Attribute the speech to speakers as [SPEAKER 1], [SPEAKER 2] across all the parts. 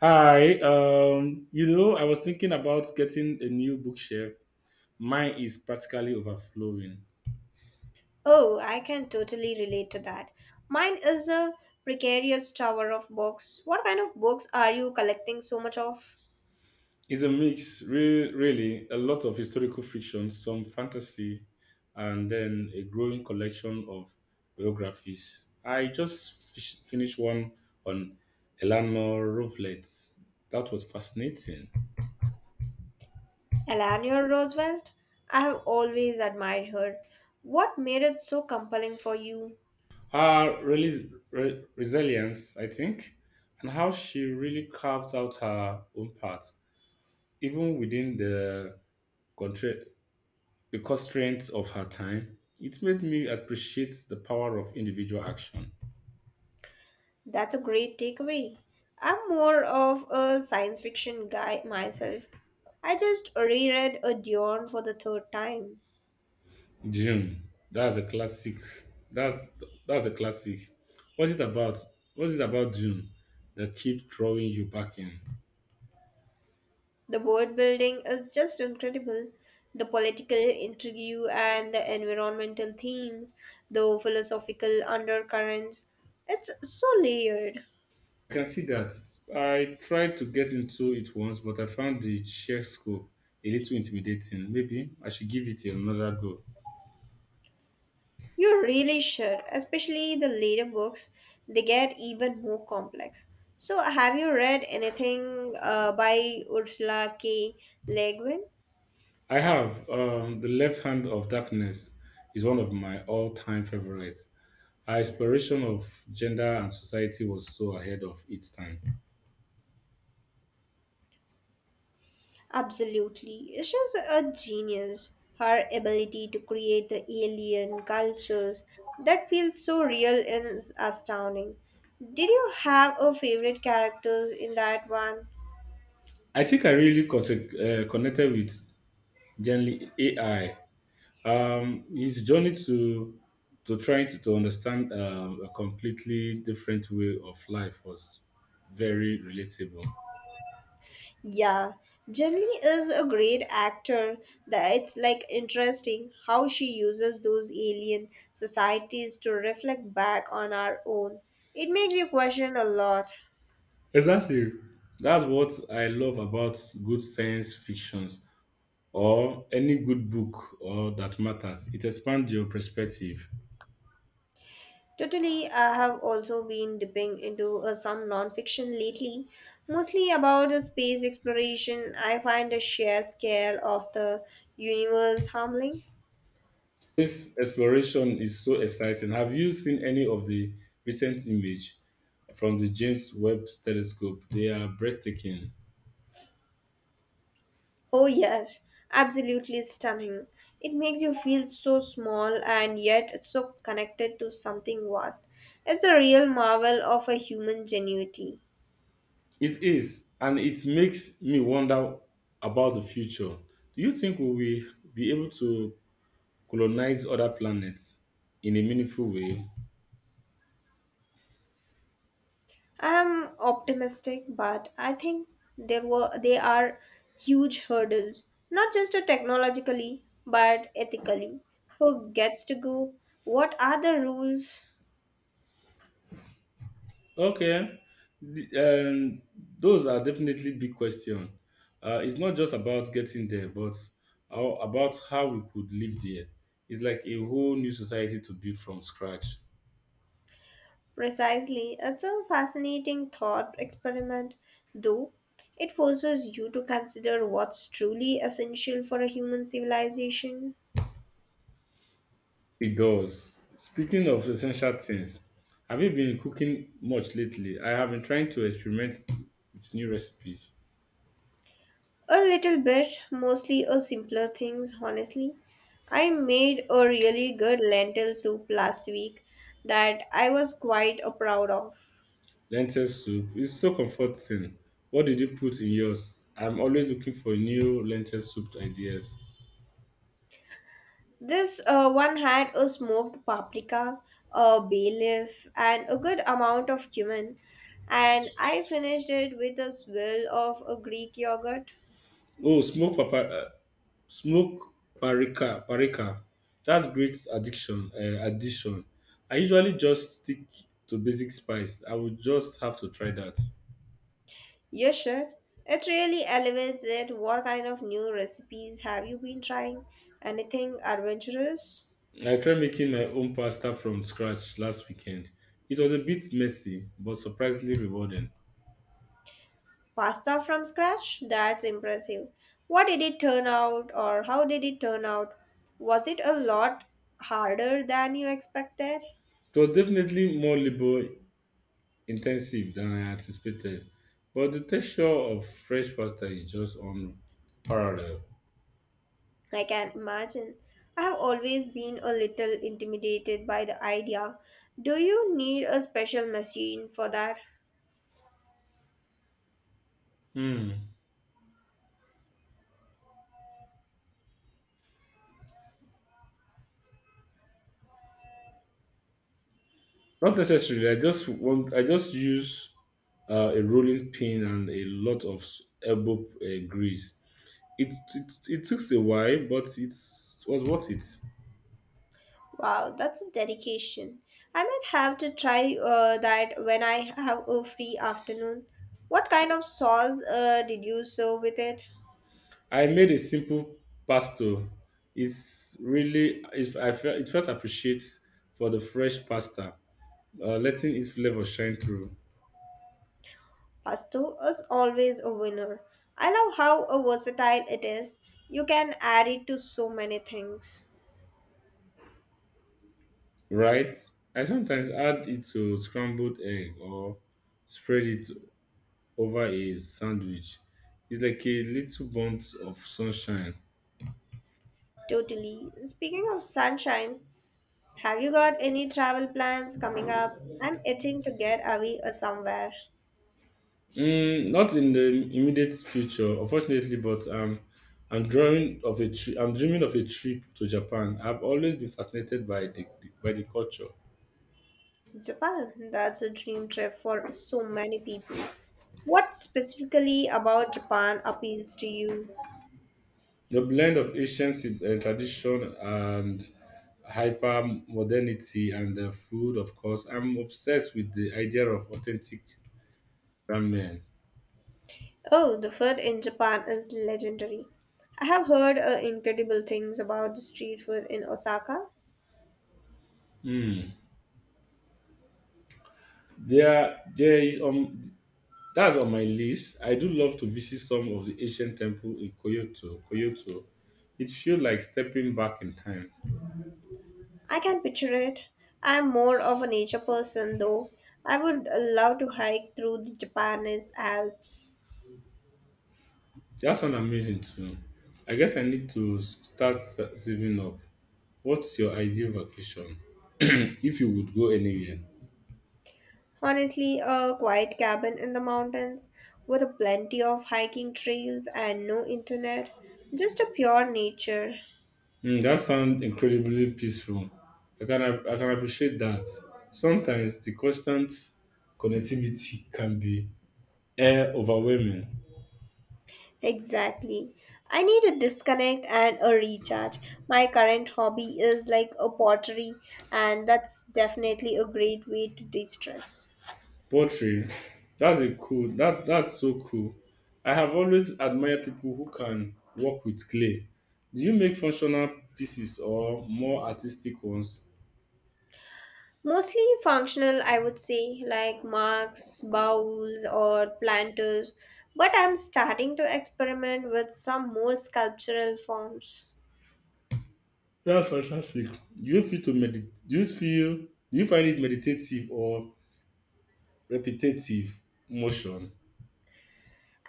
[SPEAKER 1] I was thinking about getting a new bookshelf. Mine is practically overflowing.
[SPEAKER 2] Oh, I can totally relate to that. Mine is a precarious tower of books. What kind of books are you collecting so much of?
[SPEAKER 1] It's a mix, really, a lot of historical fiction, some fantasy, and then a growing collection of biographies. I just finished one on Eleanor Roosevelt. That was fascinating.
[SPEAKER 2] Eleanor Roosevelt? I have always admired her. What made it so compelling for you?
[SPEAKER 1] Her resilience, I think, and how she really carved out her own path, even within the, contra- the constraints of her time. It made me appreciate the power of individual action.
[SPEAKER 2] That's a great takeaway. I'm more of a science fiction guy myself. I just reread A Dawn for the third time.
[SPEAKER 1] June, that's a classic. That's that's a classic. What's it about? What's it about June that keep drawing you back in?
[SPEAKER 2] The world building is just incredible. The political intrigue and the environmental themes, the philosophical undercurrents, it's so layered.
[SPEAKER 1] I can see that. I tried to get into it once, but I found the sheer scope a little intimidating. Maybe I should give it another go.
[SPEAKER 2] You really should, especially the later books, they get even more complex. So, have you read anything by Ursula K. Le Guin?
[SPEAKER 1] I have the left hand of darkness is one of my all-time favorites. Our exploration of gender and society was so ahead of its time.
[SPEAKER 2] Absolutely. She's a genius. Her ability to create the alien cultures that feels so real is astounding. Did you have a favorite characters in that one?
[SPEAKER 1] I think I really connected with generally AI. His journey to trying to understand a completely different way of life was very relatable.
[SPEAKER 2] Yeah, Jenny is a great actor. That it's like interesting how she uses those alien societies to reflect back on our own. It makes you question a lot.
[SPEAKER 1] Exactly. That's what I love about good science fictions or any good book or that matters. It expands your perspective.
[SPEAKER 2] Totally, I have also been dipping into some non-fiction lately, mostly about the space exploration. I find the sheer scale of the universe humbling.
[SPEAKER 1] This exploration is so exciting. Have you seen any of the recent image from the James Webb Telescope? They are breathtaking.
[SPEAKER 2] Oh yes, absolutely stunning. It makes you feel so small and yet so connected to something vast. It's a real marvel of a human ingenuity.
[SPEAKER 1] It is, and it makes me wonder about the future. Do you think we will be able to colonize other planets in a meaningful way?
[SPEAKER 2] I'm optimistic, but I think there were they are huge hurdles, not just technologically, but ethically. Who gets to go? What are the rules
[SPEAKER 1] Okay. The- um, those are definitely big questions. It's not just about getting there, but about how we could live there. It's like a whole new society to build from scratch.
[SPEAKER 2] precisely? It's a fascinating thought experiment, though. It forces you to consider what's truly essential for a human civilization.
[SPEAKER 1] It does. Speaking of essential things, have you been cooking much lately? I have been trying to experiment with new recipes.
[SPEAKER 2] A little bit, mostly a simpler things, honestly. I made a really good lentil soup last week that I was quite proud of.
[SPEAKER 1] Lentil soup is so comforting. What did you put in yours? I'm always looking for new lentil soup ideas.
[SPEAKER 2] This one had a smoked paprika, a bay leaf, and a good amount of cumin, and I finished it with a swirl of a Greek yogurt.
[SPEAKER 1] Oh, smoked papa. Smoke Parika Parika. That's great addiction. Addition. I usually just stick to basic spice. I would just have to try that.
[SPEAKER 2] Yes, sure. It really elevates it. What kind of new recipes have you been trying? Anything adventurous?
[SPEAKER 1] I tried making my own pasta from scratch last weekend. It was a bit messy, but surprisingly rewarding.
[SPEAKER 2] Pasta from scratch? That's impressive. What did it turn out or how did it turn out? Was it a lot harder than you expected?
[SPEAKER 1] It was definitely more labor intensive than I anticipated, but the texture of fresh pasta is just unparalleled.
[SPEAKER 2] I can imagine. I have always been a little intimidated by the idea. Do you need a special machine for that?
[SPEAKER 1] Hmm. Not necessarily. I just want. I just use a rolling pin and a lot of elbow grease. It took a while, but it was worth it.
[SPEAKER 2] Wow, that's a dedication. I might have to try that when I have a free afternoon. What kind of sauce did you serve with it?
[SPEAKER 1] I made a simple pasta. It's really if I felt it felt appreciates for the fresh pasta, letting its flavor shine through.
[SPEAKER 2] Pasto is always a winner. I love how a versatile it is. You can add it to so many things.
[SPEAKER 1] Right? I sometimes add it to scrambled egg or spread it over a sandwich. It's like a little bolt of sunshine.
[SPEAKER 2] Totally. Speaking of sunshine, have you got any travel plans coming up? I'm itching to get away somewhere.
[SPEAKER 1] Mm, not in the immediate future, unfortunately, but I'm dreaming of a trip to Japan. I've always been fascinated by the culture,
[SPEAKER 2] Japan, that's a dream trip for so many people. What specifically about Japan appeals to you?
[SPEAKER 1] the blend of ancient tradition and hyper modernity, and the food. Of course, I'm obsessed with the idea of authentic ramen.
[SPEAKER 2] Oh, the food in Japan is legendary. I have heard incredible things about the street food in Osaka.
[SPEAKER 1] Mm. There is that's on my list. I do love to visit some of the ancient temple in Kyoto. Kyoto, it feels like stepping back in time.
[SPEAKER 2] I can picture it. I'm more of a nature person though. I would love to hike through the Japanese Alps.
[SPEAKER 1] That sounds amazing too. I guess I need to start saving up. What's your ideal vacation if you would go anywhere?
[SPEAKER 2] Honestly, a quiet cabin in the mountains with a plenty of hiking trails and no internet. Just a pure nature.
[SPEAKER 1] Mm, that sounds incredibly peaceful. I can appreciate that. Sometimes the constant connectivity can be overwhelming.
[SPEAKER 2] Exactly. I need a disconnect and a recharge. My current hobby is like a pottery, and that's definitely a great way to de stress.
[SPEAKER 1] Poetry, that's a cool. That's so cool. I have always admired people who can work with clay. Do you make functional pieces or more artistic ones?
[SPEAKER 2] Mostly functional, I would say, like marks, bowls, or planters, but I'm starting to experiment with some more sculptural forms.
[SPEAKER 1] That's fantastic. Do you feel to meditate? Do you feel? Do you find it meditative or repetitive motion?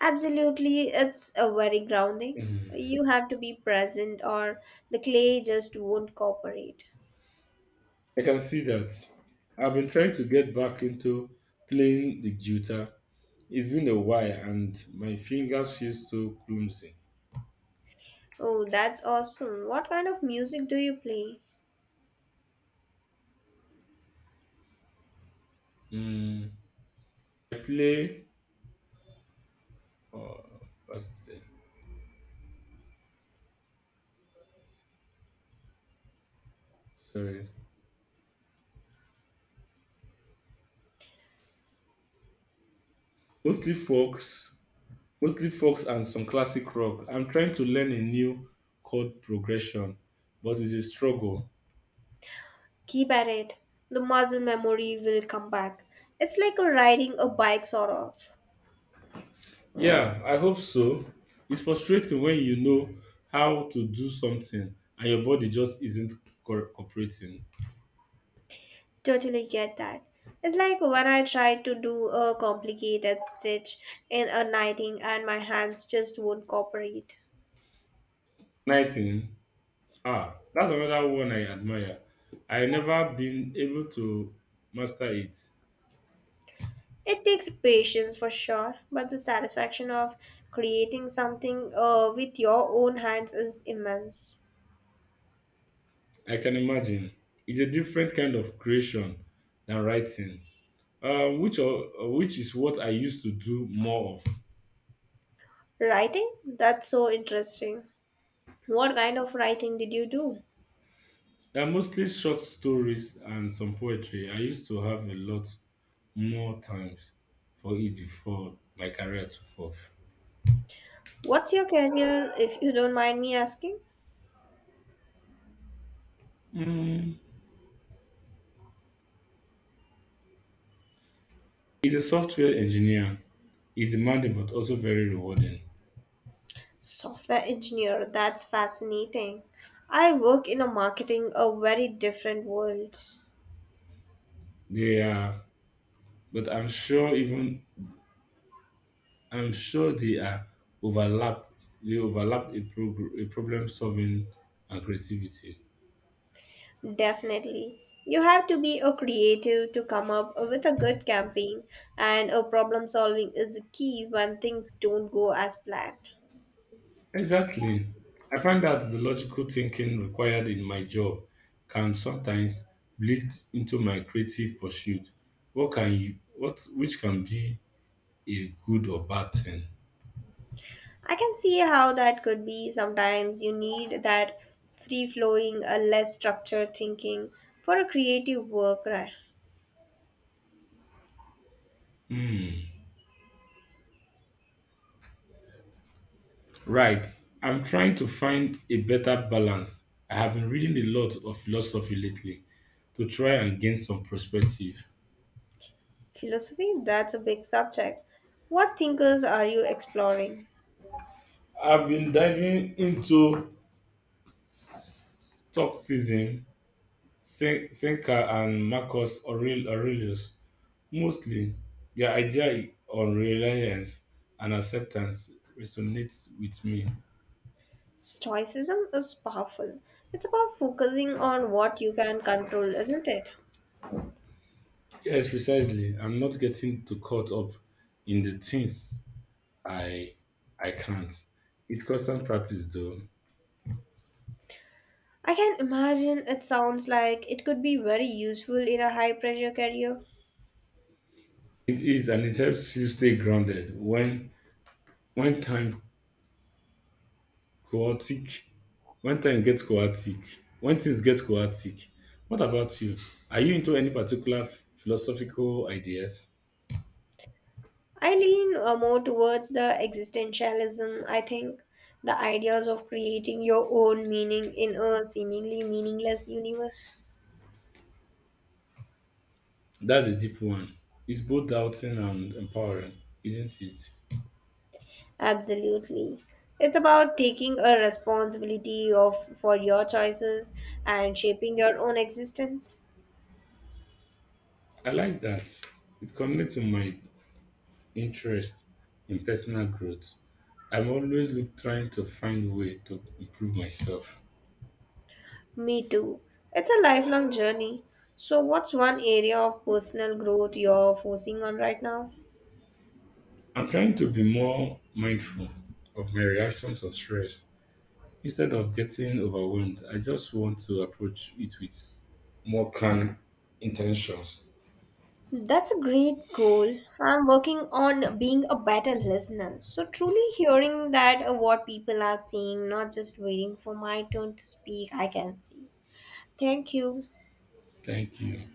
[SPEAKER 2] Absolutely, it's a very grounding. You have to be present, or the clay just won't cooperate.
[SPEAKER 1] I can see that. I've been trying to get back into playing the guitar. It's been a while, and my fingers feel so clumsy.
[SPEAKER 2] Oh, that's awesome. What kind of music do you play?
[SPEAKER 1] Mm, I play Oh, that's the- sorry. Mostly folks, mostly folks and some classic rock. I'm trying to learn a new chord progression, but it's a struggle.
[SPEAKER 2] Keep at it. The muscle memory will come back. It's like a riding a bike, sort of.
[SPEAKER 1] Yeah, I hope so. It's frustrating when you know how to do something and your body just isn't cooperating.
[SPEAKER 2] Totally get that. It's like when I try to do a complicated stitch in a knitting and my hands just won't cooperate.
[SPEAKER 1] 19. Ah, that's another one I admire. I never been able to master it.
[SPEAKER 2] It takes patience for sure, but the satisfaction of creating something with your own hands is immense.
[SPEAKER 1] I can imagine. It's a different kind of creation than writing, which is what I used to do more of.
[SPEAKER 2] Writing? That's so interesting. What kind of writing did you do?
[SPEAKER 1] They're mostly short stories and some poetry. I used to have a lot more times for it before my career took off.
[SPEAKER 2] What's your career, if you don't mind me asking?
[SPEAKER 1] Mm. He's a software engineer. He's demanding but also very rewarding.
[SPEAKER 2] Software engineer, that's fascinating. I work in a marketing, a very different world.
[SPEAKER 1] They are, but I'm sure they are overlap. They overlap a problem solving and creativity.
[SPEAKER 2] Definitely. You have to be a creative to come up with a good campaign, and a problem solving is key when things don't go as planned.
[SPEAKER 1] Exactly. I find that the logical thinking required in my job can sometimes bleed into my creative pursuit. What can you, what which can be a good or bad thing?
[SPEAKER 2] I can see how that could be. Sometimes you need that free flowing, a less structured thinking for a creative work, right?
[SPEAKER 1] Right. I'm trying to find a better balance. I have been reading a lot of philosophy lately to try and gain some perspective.
[SPEAKER 2] Philosophy, that's a big subject. What thinkers are you exploring?
[SPEAKER 1] I've been diving into Stoicism, Seneca, and Aurelius. Mostly, their idea on reliance and acceptance resonates with me.
[SPEAKER 2] Stoicism is powerful. It's about focusing on what you can control, isn't it?
[SPEAKER 1] Yes, precisely. I'm not getting too caught up in the things I I can't. It's constant practice though.
[SPEAKER 2] I can imagine it sounds like it could be very useful in a high pressure career.
[SPEAKER 1] It is, and it helps you stay grounded when time chaotic when time gets chaotic. When things get chaotic. What about you? Are you into any particular philosophical ideas?
[SPEAKER 2] I lean more towards the existentialism, I think. The ideas of creating your own meaning in a seemingly meaningless universe.
[SPEAKER 1] That's a deep one. It's both doubting and empowering, isn't it?
[SPEAKER 2] Absolutely. It's about taking a responsibility of for your choices and shaping your own existence.
[SPEAKER 1] I like that. It connects to my interest in personal growth. Trying to find a way to improve myself.
[SPEAKER 2] Me too. It's a lifelong journey. So, what's one area of personal growth you're focusing on right now?
[SPEAKER 1] I'm trying to be more mindful of my reactions of stress. Instead of getting overwhelmed, I just want to approach it with more calm intentions.
[SPEAKER 2] That's a great goal. I'm working on being a better listener. So, truly hearing that what people are saying, not just waiting for my turn to speak, I can see. Thank you.
[SPEAKER 1] Thank you.